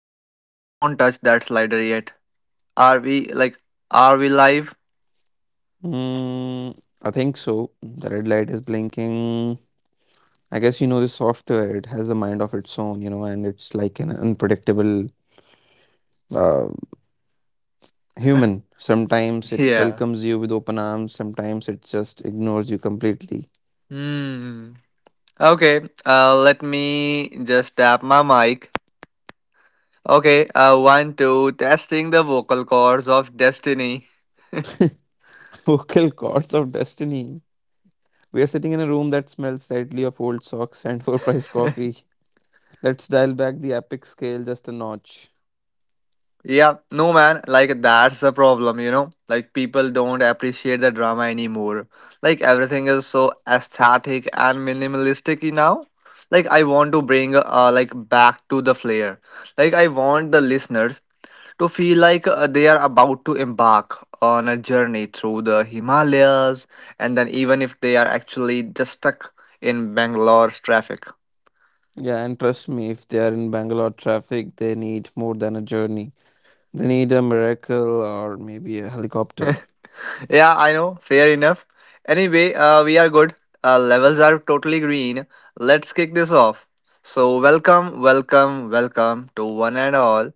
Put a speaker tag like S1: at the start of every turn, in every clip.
S1: Max, don't touch that slider yet. Are we like are we live?
S2: Mm, I think so. The red light is blinking. I guess you know this software, it has a mind of its own, you know, and it's like an unpredictable uh, human. Sometimes it
S1: Yeah.
S2: welcomes you with open arms, sometimes it just ignores you completely.
S1: Hmm. Okay. Let me just tap my mic. Okay. One, two. Testing the vocal cords of destiny.
S2: Vocal cords of destiny. We are sitting in a room that smells slightly of old socks and overpriced coffee. Let's dial back the epic scale just a notch.
S1: Yeah, no man, like that's the problem, you know? Like people don't appreciate the drama anymore. Like everything is so aesthetic and minimalistic now. Like I want to bring back to the flair. Like I want the listeners to feel like they are about to embark on a journey through the Himalayas and then even if they are actually just stuck in Bangalore's traffic.
S2: Yeah, and trust me, if they are in Bangalore traffic, they need more than a journey. They need a miracle or maybe a helicopter.
S1: Yeah, I know. Fair enough. Anyway, we are good. Levels are totally green. Let's kick this off. So, welcome, welcome, welcome to one and all.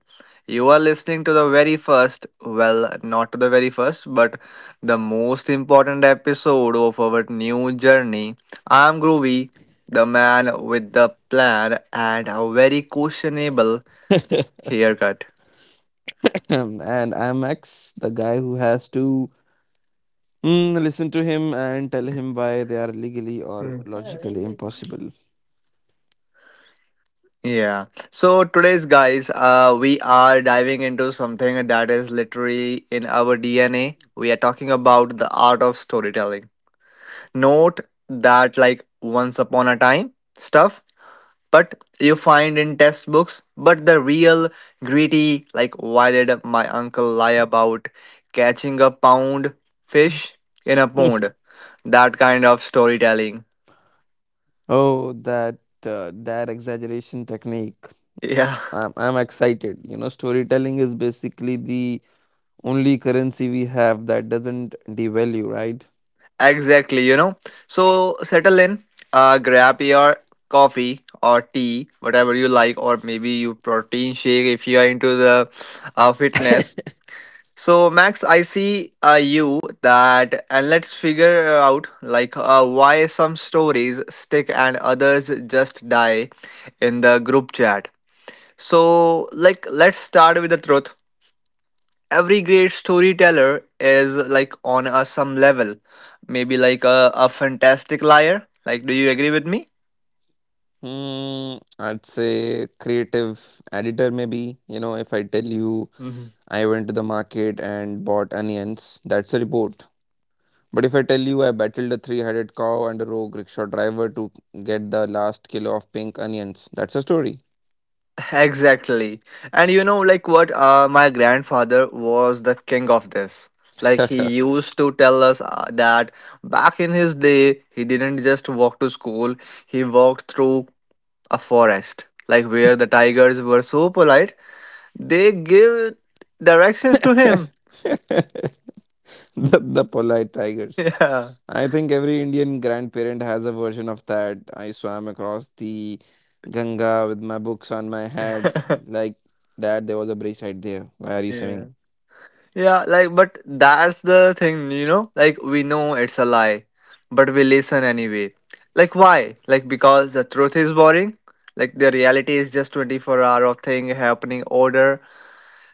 S1: You are listening to the very first, well, not to the very first, but the most important episode of our new journey. I'm Groovy, the man with the plan and a very questionable haircut.
S2: and I'm X, the guy who has to listen to him and tell him why they are legally or logically impossible.
S1: Yeah. So today's guys, we are diving into something that is literally in our DNA. We are talking about the art of storytelling. Note that like once upon a time stuff, but you find in textbooks, but the real gritty like why did my uncle lie about catching a pound fish in a pond? That kind of storytelling.
S2: Oh, that that exaggeration technique.
S1: Yeah.
S2: I'm excited. You know, storytelling is basically the only currency we have that doesn't devalue, right?
S1: Exactly, you know. So settle in, grab your coffee or tea, whatever you like, or maybe you protein shake if you are into the fitness. So Max, I see you that, and let's figure out like why some stories stick and others just die in the group chat. So like let's start with the truth. Every great storyteller is like on a some level maybe like a fantastic liar. Like do you agree with me?
S2: Hmm, I'd say creative editor, maybe. You know, if I tell you
S1: Mhm.
S2: I went to the market and bought onions, that's a report. But if I tell you I battled a three headed cow and a rogue rickshaw driver to get the last kilo of pink onions, that's a story.
S1: Exactly. And you know like what my grandfather was the king of this. Like he
S2: the,
S1: used to tell us that back in his day he didn't just walk to school, he walked through a forest like where the tigers were so polite they give directions to him.
S2: the polite tigers.
S1: Yeah.
S2: I think every Indian grandparent has a version of that. I swam across the Ganga with my books on my head. Like that, there was a bridge right there. Why are you
S1: Yeah.
S2: swimming?
S1: Yeah, like, but that's the thing, you know? Like, we know it's a lie, but we listen anyway. Like, why? Like, because the truth is boring. Like, the reality is just 24 hour of thing happening order.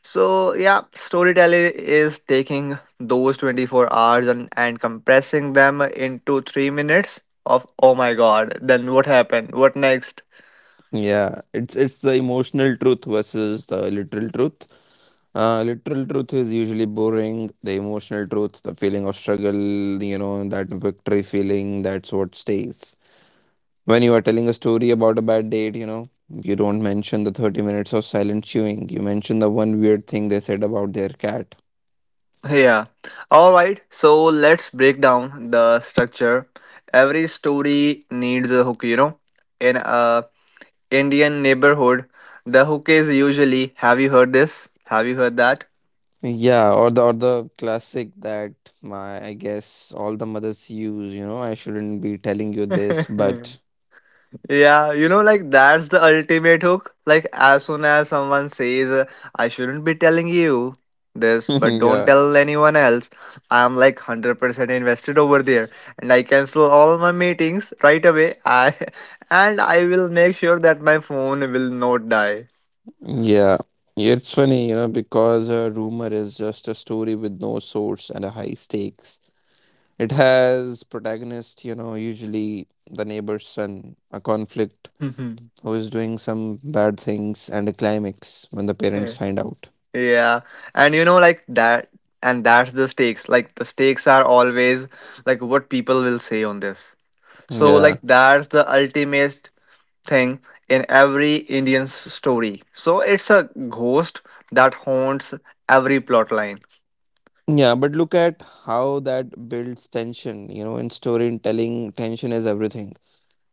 S1: So, yeah, storytelling is taking those 24 hours and compressing them into 3 minutes of, oh my god, then what happened? What next?
S2: Yeah, it's the emotional truth versus the literal truth. Literal truth is usually boring. The emotional truth, the feeling of struggle, you know, that victory feeling, that's what stays. When you are telling a story about a bad date, you know, you don't mention the 30 minutes of silent chewing. You mention the one weird thing they said about their cat.
S1: Yeah. All right. So let's break down the structure. Every story needs a hook, you know. In a Indian neighborhood, the hook is usually have you heard this? Have you heard that?
S2: Yeah, or the classic that my, I guess all the mothers use, you know, I shouldn't be telling you this, but
S1: Yeah, you know, like that's the ultimate hook. Like, as soon as someone says, I shouldn't be telling you this, but don't
S2: yeah.
S1: tell anyone else, I'm like 100% invested over there and I cancel all my meetings right away. I and I will make sure that my phone will not die.
S2: Yeah, it's funny, you know, because a rumor is just a story with no source and a high stakes. It has protagonist, you know, usually the neighbor's son, a conflict who is doing some bad things, and a climax when the parents
S1: Yeah.
S2: find out.
S1: Yeah. And you know, like that, and that's the stakes. Like, the stakes are always like what people will say on this. So, like,
S2: Yeah.
S1: that's the ultimate thing in every Indian story. So it's a ghost that haunts every plot line.
S2: Yeah, but look at how that builds tension. You know, in storytelling, tension is everything.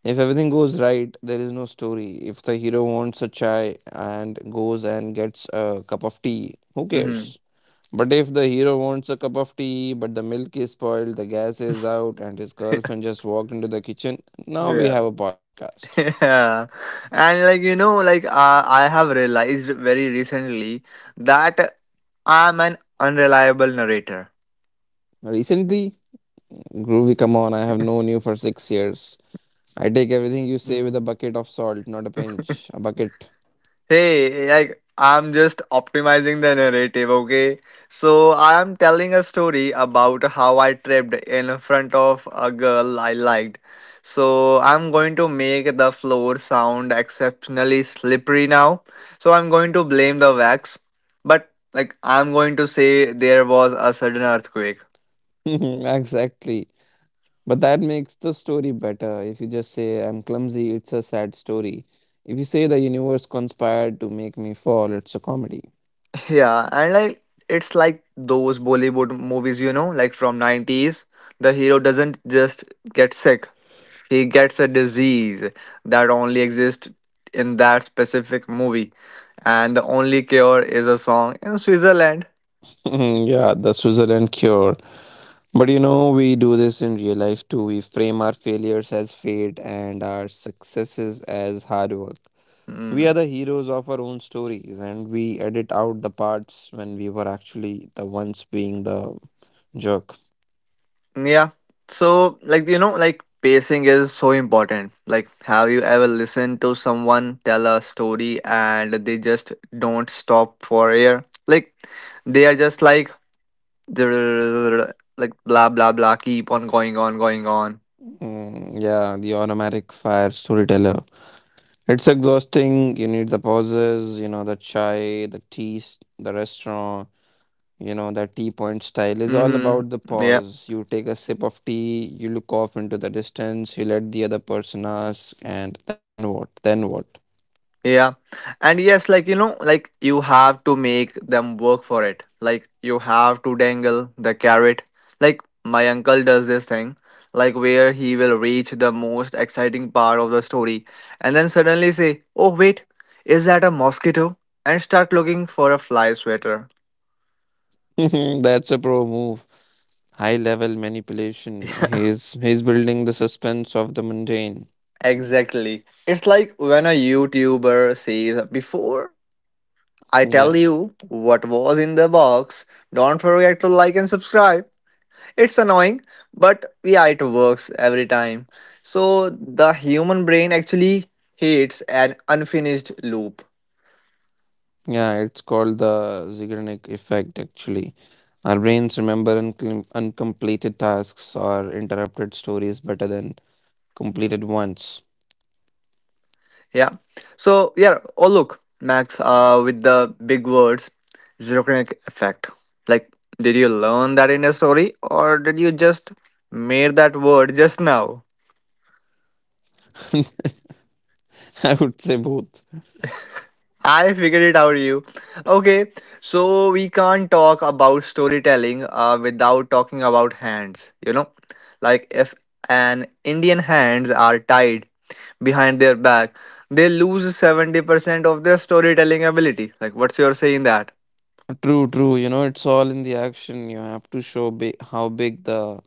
S2: If everything goes right, there is no story. If the hero wants a chai and goes and gets a cup of tea, who
S1: Hmm.
S2: cares? But if the hero wants a cup of tea, but the milk is spoiled, the gas is out, and his girlfriend just walked into the kitchen, now we have a podcast.
S1: Yeah. And like you know, like I have realized very recently that I'm an unreliable narrator.
S2: Recently, Groovy, come on, I have known you for 6 years. I take everything you say with a bucket of salt, not a pinch, a bucket.
S1: Hey, like I'm just optimizing the narrative, okay? So I'm telling a story about how I tripped in front of a girl I liked. So I'm going to make the floor sound exceptionally slippery now. So I'm going to blame the wax, but like I'm going to say there was a sudden earthquake.
S2: Exactly. But that makes the story better. If you just say, I'm clumsy, it's a sad story. If you say the universe conspired to make me fall, it's a comedy.
S1: Yeah, and like it's like those Bollywood movies, you know, like from 90s. The hero doesn't just get sick. He gets a disease that only exists in that specific movie, and the only cure is a song in Switzerland.
S2: Mhm. Yeah, the Switzerland cure. But you know, we do this in real life too. We frame our failures as fate and our successes as hard work. We are
S1: Mm,
S2: the heroes of our own stories and we edit out the parts when we were actually the ones being the jerk.
S1: yeah. So, like, you know, like pacing is so important. Like, have you ever listened to someone tell a story and they just don't stop for air? Like, they are just like, like, blah, blah, blah, keep on going on, going on.
S2: Mm, yeah, the automatic fire storyteller. It's exhausting. You need the pauses, you know, the chai, the tea, the restaurant. You know, that tea point style is all
S1: Mm-hmm.
S2: about the
S1: Yeah.
S2: pause. You take a sip of tea, you look off into the distance, you let the other person ask, and then what? Then what?
S1: Yeah. And yes, like, you know, like you have to make them work for it. Like you have to dangle the carrot. Like my uncle does this thing, like where he will reach the most exciting part of the story and then suddenly say, oh, wait, is that a mosquito? And start looking for a fly sweater.
S2: That's a pro move. High level manipulation. He's building the suspense of the mundane.
S1: Exactly. It's like when a YouTuber says, before I
S2: Yeah.
S1: tell you what was in the box, don't forget to like and subscribe. It's annoying, but yeah, it works every time. So the human brain actually hates an unfinished loop.
S2: Yeah, it's called the Zeigarnik effect actually. Our brains remember uncompleted tasks or interrupted stories better than completed ones.
S1: Yeah. So yeah. Oh look, Max. With the big words, zirconic effect. Like, did you learn that in a story, or did you just made that word just now?
S2: I would say both.
S1: I figured it out, you. Okay, so we can't talk about storytelling without talking about hands. You know, like if an Indian hands are tied behind their back, they lose 70% of their storytelling ability. Like, what's your say in that?
S2: True, true. You know, it's all in the action. You have to show bi how big the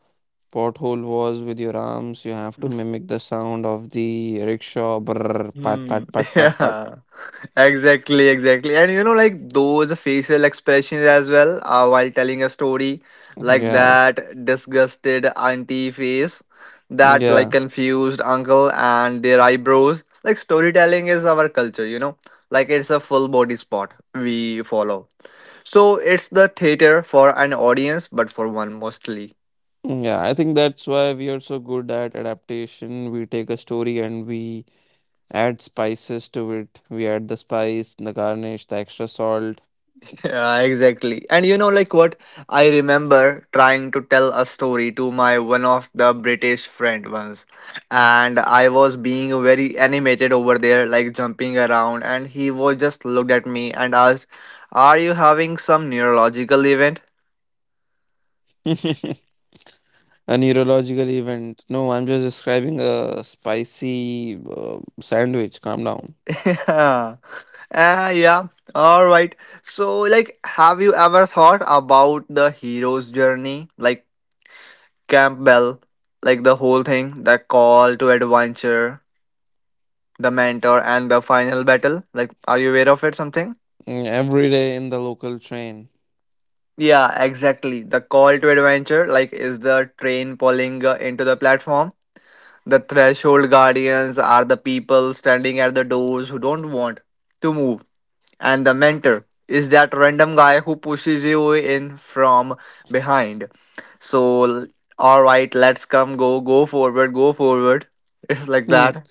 S2: pothole was with your arms. You have to mimic the sound of the rickshaw. Brrr, pat,
S1: Hmm.
S2: pat, pat, pat, pat.
S1: Yeah. Exactly, exactly. And you know, like those facial expressions as well while telling a story, like
S2: Yeah,
S1: that disgusted auntie face, that like
S2: yeah,
S1: confused uncle, and their eyebrows. Like storytelling is our culture, you know, like it's a full body sport we follow. So it's the theater for an audience, but for one mostly.
S2: yeah. I think that's why we are so good at adaptation. We take a story and we add spices to it. We add the spice, the garnish, the extra salt.
S1: Yeah, exactly. And you know, like what I remember trying to tell a story to my one of the British friend once, and I was being very animated over there, like jumping around, and he was just looked at me and asked, "Are you having some neurological event?"
S2: A neurological event. No, I'm just describing a spicy sandwich. Calm down.
S1: Yeah. Yeah. All right. So, like, have you ever thought about the hero's journey, like Campbell, like the whole thing, the call to adventure? The mentor and the final battle. Like, are you aware of it? Something?
S2: Mm, every day in the local train.
S1: Yeah, exactly. The call to adventure, like, is the train pulling into the platform. The threshold guardians are the people standing at the doors who don't want to move. And the mentor is that random guy who pushes you in from behind. So, all right, let's go, go forward, go forward. It's like
S2: Hmm.
S1: that.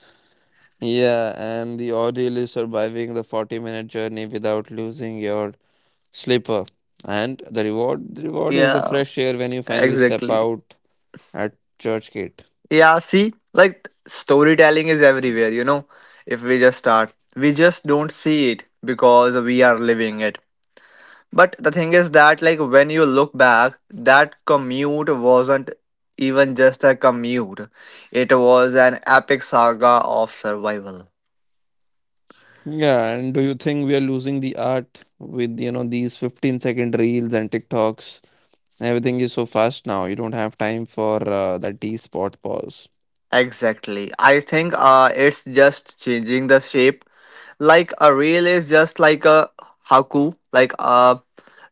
S2: Yeah, and the ordeal is surviving the 40-minute journey without losing your slipper. And the reward is the
S1: Yeah,
S2: fresh air when you finally step
S1: exactly.
S2: out at church gate.
S1: Yeah, see, like storytelling is everywhere, you know. If we just start, we just don't see it because we are living it. But the thing is that, like, when you look back, that commute wasn't even just a commute, it was an epic saga of survival.
S2: Yeah, and do you think we are losing the art with, you know, these 15-second reels and TikToks? Everything is so fast now. You don't have time for that D spot pause.
S1: Exactly. I think it's just changing the shape. Like a reel is just like a haku, like a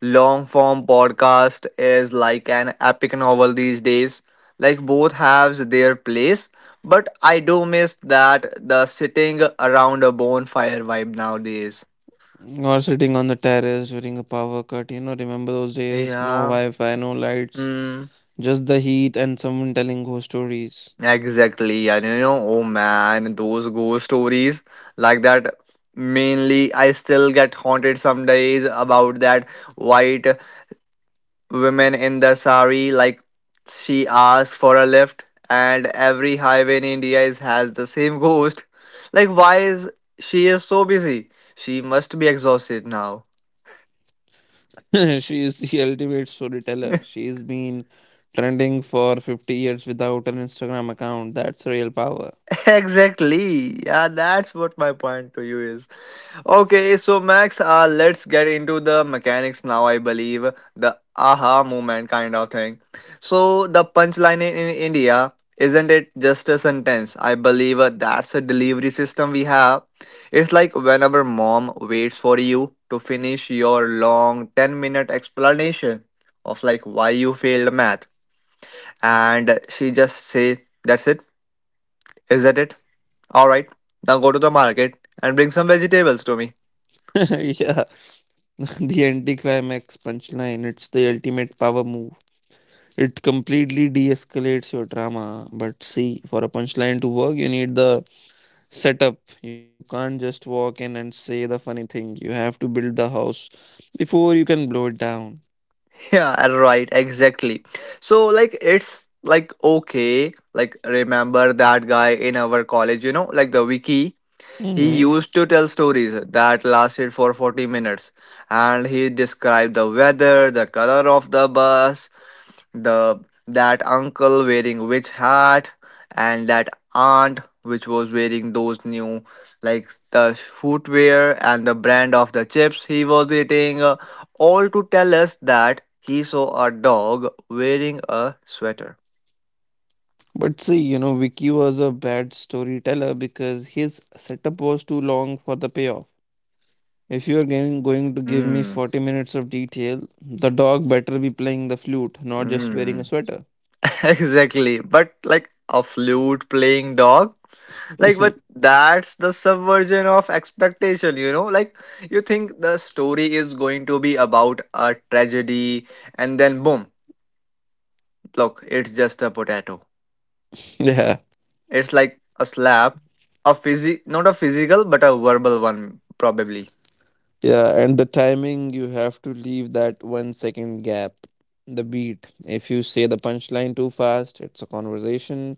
S1: long form podcast is like an epic novel these days. Like both have their place, but I do miss that the sitting around a bonfire vibe nowadays.
S2: Or sitting on the terrace during a power cut. You know, remember those days? No
S1: Yeah.
S2: Wi Fi, no lights,
S1: Hmm.
S2: just the heat and someone telling ghost stories.
S1: Exactly. And you know, oh man, those ghost stories like that. Mainly, I still get haunted some days about that white women in the sari like she asks for a lift and every highway in India has the same ghost. Like why is she is so busy? She must be exhausted now.
S2: She is the ultimate storyteller. She's been trending for 50 years without an Instagram account. That's real power.
S1: Exactly, yeah, that's what my point to you is. Okay, so Max, let's get into the mechanics now. I believe the aha moment kind of thing. So the punchline in India isn't it just a sentence? I believe that's a delivery system we have. It's like whenever mom waits for you to finish your long 10-minute explanation of like why you failed math, and she just say, "That's it, is that it? All right, now go to the market and bring some vegetables to me."
S2: Yeah, the anticlimax punchline. It's the ultimate power move. It completely de escalates your drama. But see, for a punchline to work, you need the setup. You can't just walk in and say the funny thing. You have to build the house before you can blow it down.
S1: Yeah, right, exactly. So, like, it's like okay, like, remember that guy in our college, you know, like the wiki? He
S2: Mhm.
S1: used to tell stories that lasted for 40 minutes and he described the weather, the color of the bus, the that uncle wearing which hat and that aunt which was wearing those new like the footwear and the brand of the chips he was eating, all to tell us that he saw a dog wearing a sweater.
S2: But see, you know, Vicky was a bad storyteller because his setup was too long for the payoff. If you're going to give me
S1: Hmm.
S2: 40 minutes of detail, the dog better be playing the flute, not just wearing
S1: Hmm.
S2: a sweater.
S1: Exactly, but like a flute playing dog. Like, but that's the subversion of expectation, you know? Like, you think the story is going to be about a tragedy, and then boom, look, it's just a potato.
S2: Yeah.
S1: It's like a slap, a physi not a physical, but a verbal one, probably.
S2: Yeah, and the timing, you have to leave that 1 second gap. The beat. If you say the punchline too fast, it's a conversation.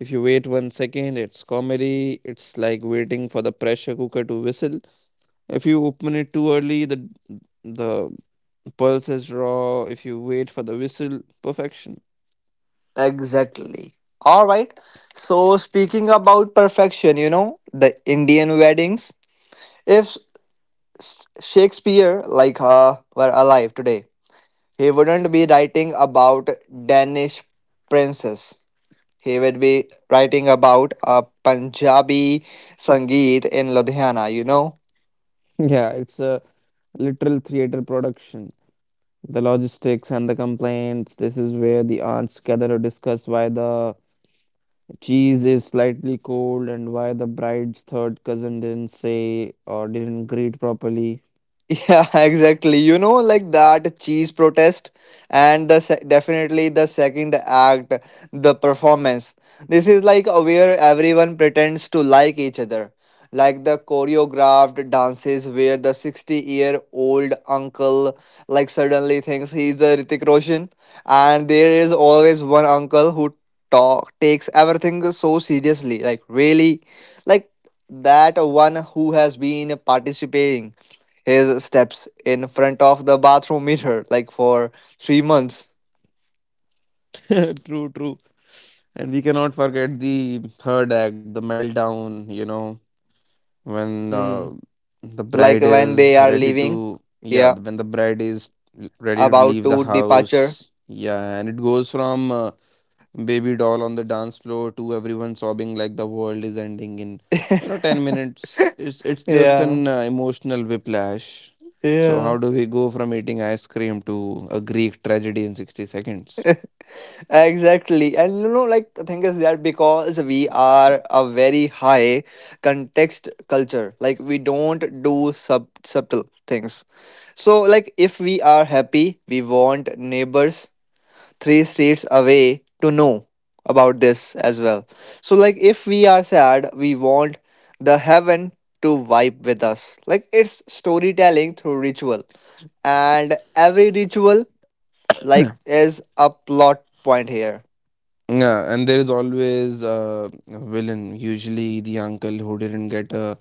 S2: If you wait 1 second, it's comedy. It's like waiting for the pressure cooker to whistle. If you open it too early, the Pulse is raw. If you wait for the whistle, perfection.
S1: Exactly. All right. So, speaking about perfection, you know, the Indian weddings. If Shakespeare, like, were alive today, he wouldn't be writing about Danish princes. He would be writing about a Punjabi Sangeet in Ludhiana, you know.
S2: Yeah, it's a literal theater production. The logistics and the complaints. This is where the aunts gather to discuss why the cheese is slightly cold and why the bride's third cousin didn't say or didn't greet properly.
S1: Yeah, exactly. You know, like that cheese protest and definitely the second act, the performance. This is like a where everyone pretends to like each other. Like the choreographed dances where the 60-year-old uncle like suddenly thinks he's a Hrithik Roshan, and there is always one uncle who talk takes everything so seriously, like really like that one who has been participating his steps in front of the bathroom mirror like for 3 months.
S2: True, true. And we cannot forget the third act, the meltdown, you know, when
S1: Hmm.
S2: the
S1: Like
S2: bride
S1: when
S2: is
S1: they are
S2: ready to,
S1: leaving,
S2: yeah,
S1: yeah,
S2: when the bride is ready to
S1: about
S2: leave the
S1: to
S2: house,
S1: departure.
S2: yeah, and it goes from baby doll on the dance floor to everyone sobbing like the world is ending in, you know, 10 minutes. It's just an
S1: Yeah,
S2: emotional whiplash. So how
S1: yeah,
S2: do we go from eating ice cream to a greek tragedy in 60 seconds?
S1: exactly. And you know, like the thing is that because we are a very high context culture, like we don't do subtle things. So like if we are happy, we want neighbors three streets away to know about this as well. So, like, if we are sad, we want the heaven to vibe with us. Like, it's storytelling through ritual, and every ritual, like, is a plot point here.
S2: Yeah, and there is always a villain, usually the uncle who didn't get a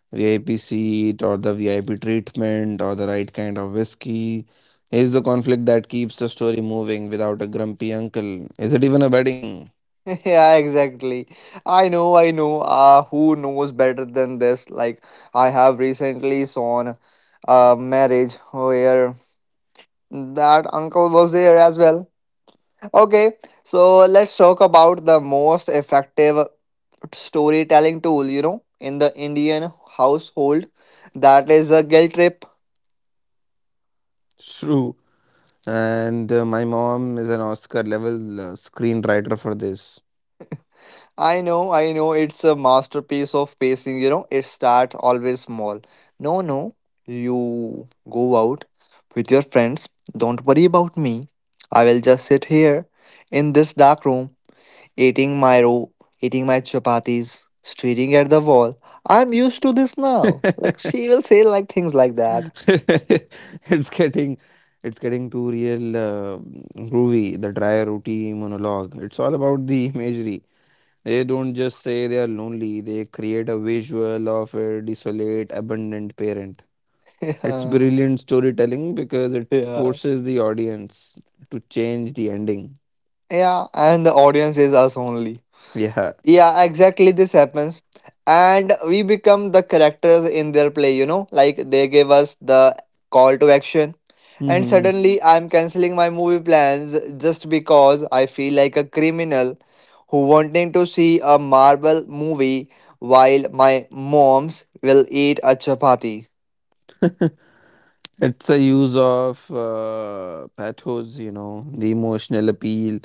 S2: VIP seat or the VIP treatment or the right kind of whiskey. Is the conflict that keeps the story moving without a grumpy uncle? Is it even a wedding?
S1: Yeah, exactly. I know, I know. Who knows better than this? Like, I have recently seen a marriage where that uncle was there as well. Okay, so let's talk about the most effective storytelling tool, you know, in the Indian household. That is a guilt trip.
S2: True. And my mom is an Oscar level screenwriter for this.
S1: I know, it's a masterpiece of pacing, you know, it starts always small. No, no, you go out with your friends. Don't worry about me. I will just sit here in this dark room eating eating my chapatis, staring at the wall. I'm used to this now. Like she will say like things like that.
S2: it's getting it's getting too real, Groovy, the dry routine monologue, it's all about the imagery. They don't just say they are lonely, they create a visual of a desolate, abandoned parent. It's
S1: Yeah,
S2: brilliant storytelling because it
S1: yeah,
S2: forces the audience to change the ending.
S1: yeah. And the audience is us only.
S2: Yeah.
S1: Yeah, exactly. This happens. And we become the characters in their play, you know, like they gave us the call to action. And
S2: Hmm.
S1: suddenly I'm canceling my movie plans just because I feel like a criminal who wanting to see a Marvel movie while my mom's will eat a chapati.
S2: It's a use of pathos, you know, the emotional appeal.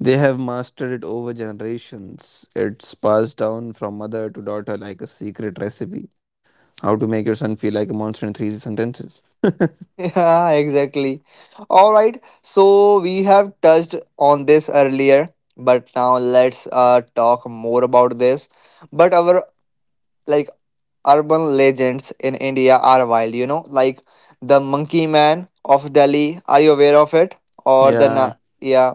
S2: They have mastered it over generations. It's passed down from mother to daughter like a secret recipe. How to make your son feel like a monster in three sentences.
S1: Yeah, exactly. All right. So we have touched on this earlier, but now let's talk more about this, but our like urban legends in India are wild, you know, like the monkey man of Delhi. Are you aware of it? Or
S2: Yeah.
S1: yeah.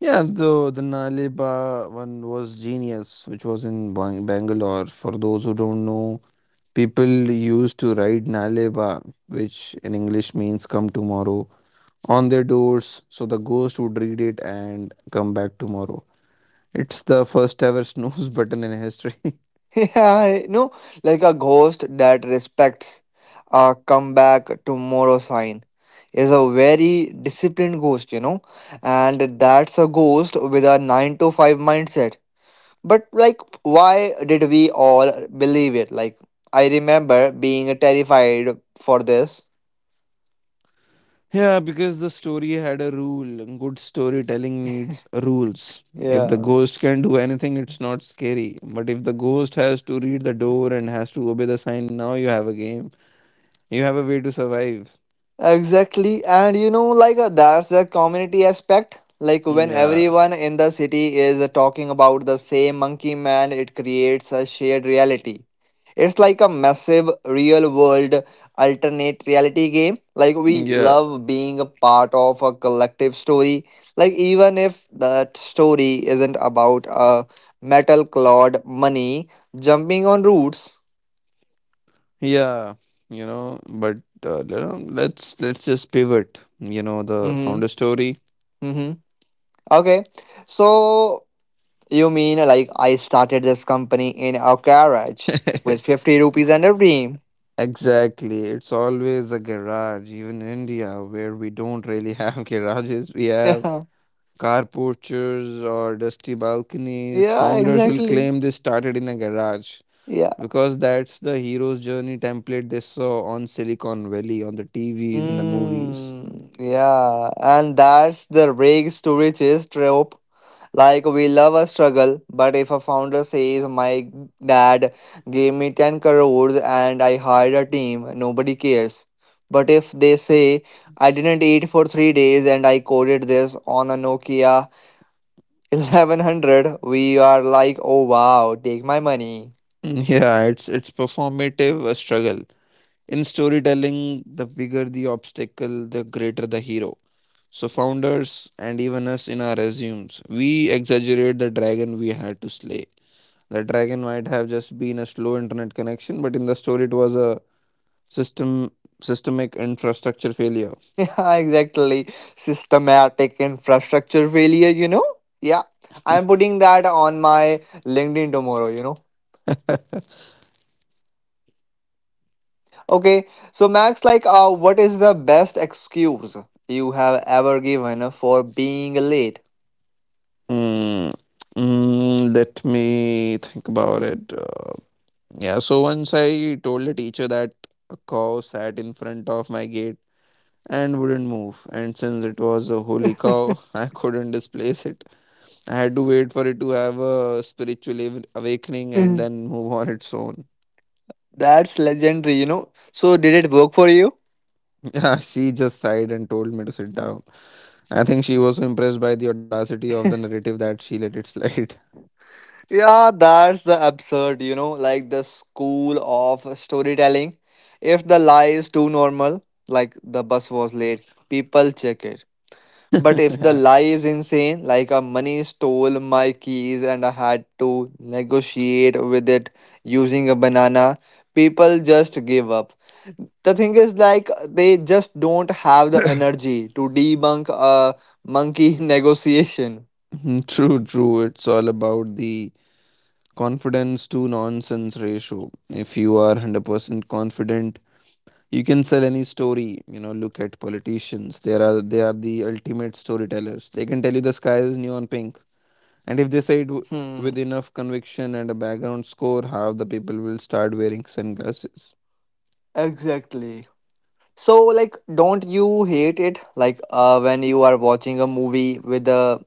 S2: Yeah, the Naleba one was genius, which was in Bangalore. For those who don't know, people used to write Naleba, which in English means come tomorrow, on their doors, so the ghost would read it and come back tomorrow. It's the first ever snooze button in history.
S1: Yeah, yeah, no, like a ghost that respects a comeback tomorrow sign is a very disciplined ghost, you know, and that's a ghost with a 9 to 5 mindset. But like, why did we all believe it? Like, I remember being terrified for this.
S2: Yeah, because the story had a rule. Good storytelling needs rules. If the
S1: Yeah.
S2: ghost can do anything, it's not scary. But if the ghost has to read the door and has to obey the sign, now you have a game. You have a way to survive.
S1: Exactly, and you know, like that's the community aspect. Like when
S2: Yeah,
S1: everyone in the city is talking about the same monkey man, it creates a shared reality. It's like a massive real world alternate reality game. Like we
S2: yeah,
S1: love being a part of a collective story. Like even if that story isn't about a metal clawed money jumping on roots.
S2: yeah. You know, but you know, let's just pivot. You know, the founder
S1: Mm-hmm.
S2: story.
S1: Mm-hmm. Okay. So you mean like I started this company in a garage with 50 rupees and a dream?
S2: Exactly. It's always a garage, even in India, where we don't really have garages. We have
S1: Yeah,
S2: car porches or dusty balconies,
S1: yeah,
S2: founders will
S1: exactly.
S2: claim they started in a garage
S1: Yeah.
S2: because that's the hero's journey template they saw on Silicon Valley, on the TVs, in the movies.
S1: Mm, yeah, and that's the rags to riches trope. Like, we love a struggle, but if a founder says, my dad gave me 10 crores and I hired a team, nobody cares. But if they say, I didn't eat for 3 days and I coded this on a Nokia 1100, we are like oh wow take my money.
S2: Mm, yeah, it's performative a struggle. In storytelling, the bigger the obstacle, the greater the hero. So founders and even us in our resumes, we exaggerate the dragon we had to slay. The dragon might have just been a slow internet connection, but in the story it was a system systemic infrastructure failure.
S1: Yeah, exactly, systematic infrastructure failure, you know. Yeah, I'm putting that on my LinkedIn tomorrow, you know. Okay, so Max, like, what is the best excuse you have ever given for being late?
S2: mm, Let me think about it. Yeah, so once I told the teacher that a cow sat in front of my gate and wouldn't move, and since it was a holy cow, I couldn't displace it. I had to wait for it to have a spiritual awakening and then move on its own.
S1: That's legendary, you know. So did it work for you?
S2: Yeah, she just sighed and told me to sit down. I think she was so impressed by the audacity of the narrative that she let it slide.
S1: Yeah, that's the absurd, you know, like the school of storytelling. If the lie is too normal, like the bus was late, people check it. But if the lie is insane, like a money stole my keys and I had to negotiate with it using a banana, people just give up. The thing is, like, they just don't have the energy to debunk a monkey negotiation.
S2: Mm, true, true. It's all about the confidence to nonsense ratio. If you are 100% confident, you can sell any story. You know, look at politicians. They are the ultimate storytellers. They can tell you the sky is neon pink. And if they say
S1: Hmm,
S2: with enough conviction and a background score, half the people will start wearing sunglasses.
S1: exactly. So, like, don't you hate it? Like, when you are watching a movie with a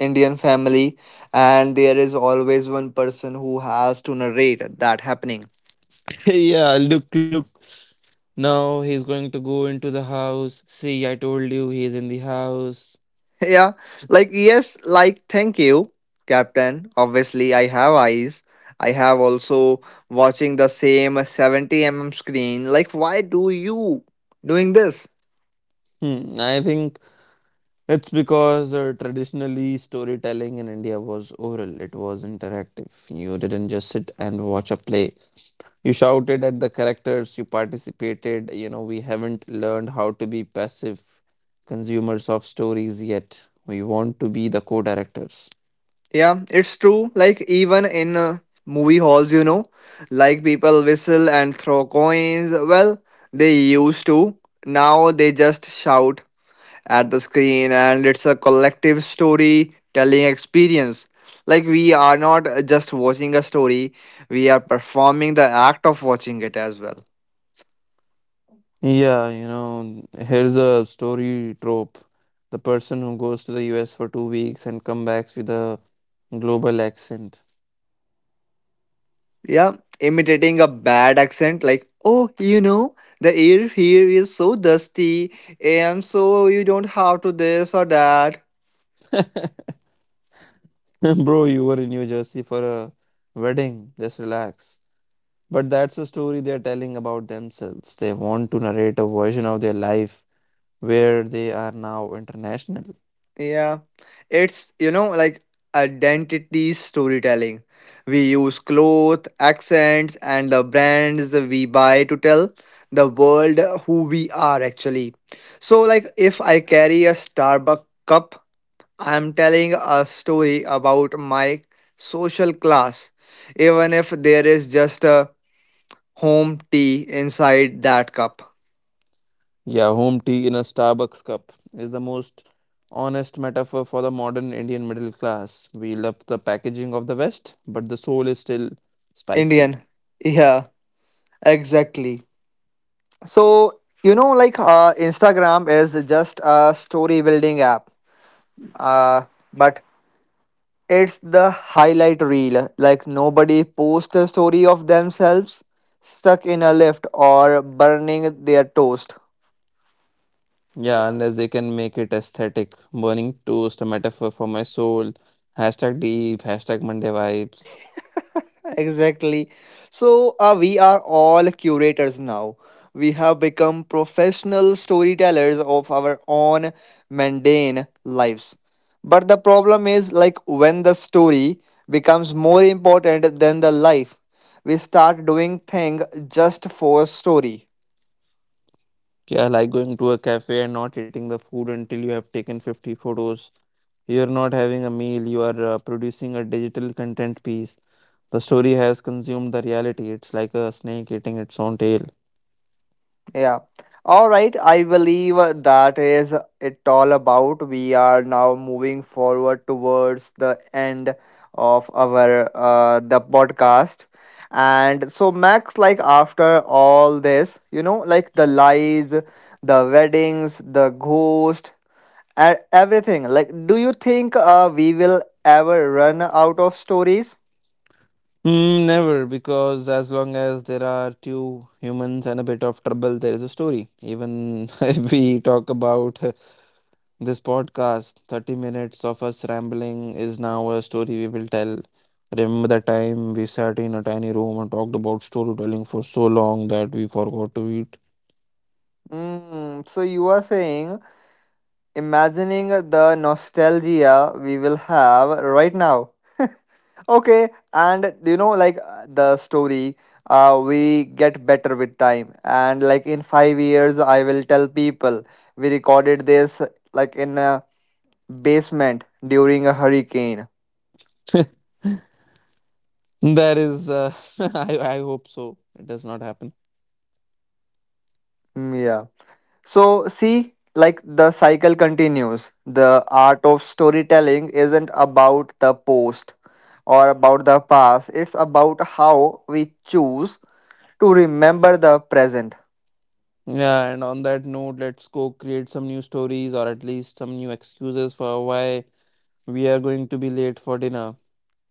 S1: Indian family, and there is always one person who has to narrate that happening.
S2: Yeah, look, look. Now he's going to go into the house. See, I told you he's in the house.
S1: Yeah, like, yes, like, thank you, Captain. Obviously, I have eyes. I have also watching the same 70 mm screen. Like, why do you doing this?
S2: Hmm, I think it's because traditionally storytelling in India was oral, it was interactive. You didn't just sit and watch a play. You shouted at the characters, you participated. You know, we haven't learned how to be passive consumers of stories yet. We want to be the co directors.
S1: Yeah, it's true. Like even in movie halls, you know, like people whistle and throw coins. Well, they used to. Now they just shout at the screen and it's a collective storytelling experience. Like we are not just watching a story, we are performing the act of watching it as well.
S2: Yeah, you know, here's a story trope. The person who goes to the US for 2 weeks and comes back with a global accent.
S1: Yeah, imitating a bad accent like, "Oh, you know, the air here is so dusty." I am so you don't have to this or that.
S2: Bro, you were in New Jersey for a wedding. Just relax. But that's a story they're telling about themselves. They want to narrate a version of their life where they are now international.
S1: Yeah, it's you know like identity storytelling. We use clothes, accents, and the brands we buy to tell the world who we are actually. So, like, if I carry a Starbucks cup, I'm telling a story about my social class, even if there is just a home tea inside that cup.
S2: Yeah, home tea in a Starbucks cup is the most honest metaphor for the modern Indian middle class. We love the packaging of the West, but the soul is still spicy.
S1: Indian. Yeah, exactly. So you know, like Instagram is just a story building app, uh, but it's the highlight reel. Like nobody posts a story of themselves stuck in a lift or burning their toast.
S2: Yeah, unless they can make it aesthetic. Burning toast, a metaphor for my soul. Hashtag deep, hashtag Monday vibes.
S1: Exactly. So we are all curators now. We have become professional storytellers of our own mundane lives. But the problem is like when the story becomes more important than the life, we start doing things just for story.
S2: Yeah, like going to a cafe and not eating the food until you have taken 50 photos. You're not having a meal, you are producing a digital content piece. The story has consumed the reality. It's like a snake eating its own tail.
S1: Yeah. All right. I believe that is it all about. We are now moving forward towards the end of our the podcast. And so Max, like after all this, you know, like the lies, the weddings, the ghost, and everything. Like, do you think we will ever run out of stories?
S2: Mm, never, because as long as there are two humans and a bit of trouble, there is a story. Even if we talk about this podcast, 30 minutes of us rambling, is now a story we will tell. Remember the time we sat in a tiny room and talked about storytelling for so long that we forgot to eat?
S1: Mm, so you are saying imagining the nostalgia we will have right now. Okay, and you know like the story we get better with time and like in 5 years I will tell people we recorded this like in a basement during a hurricane.
S2: That is, I hope so. It does not happen.
S1: Mm, yeah. So, see, like the cycle continues. The art of storytelling isn't about the post or about the past, it's about how we choose to remember the present.
S2: Yeah, and on that note, let's go create some new stories or at least some new excuses for why we are going to be late for dinner.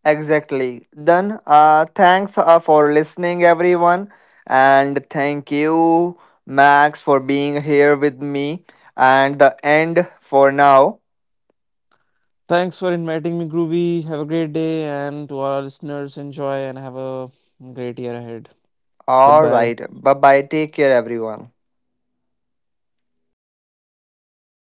S1: Exactly. Then, thanks for listening, everyone. And thank you, Max, for being here with me. And the end for now.
S2: Thanks for inviting me, Groovy. Have a great day, and to all our listeners, enjoy and have a great year ahead.
S1: All
S2: Goodbye.
S1: right. Bye bye. Take care, everyone.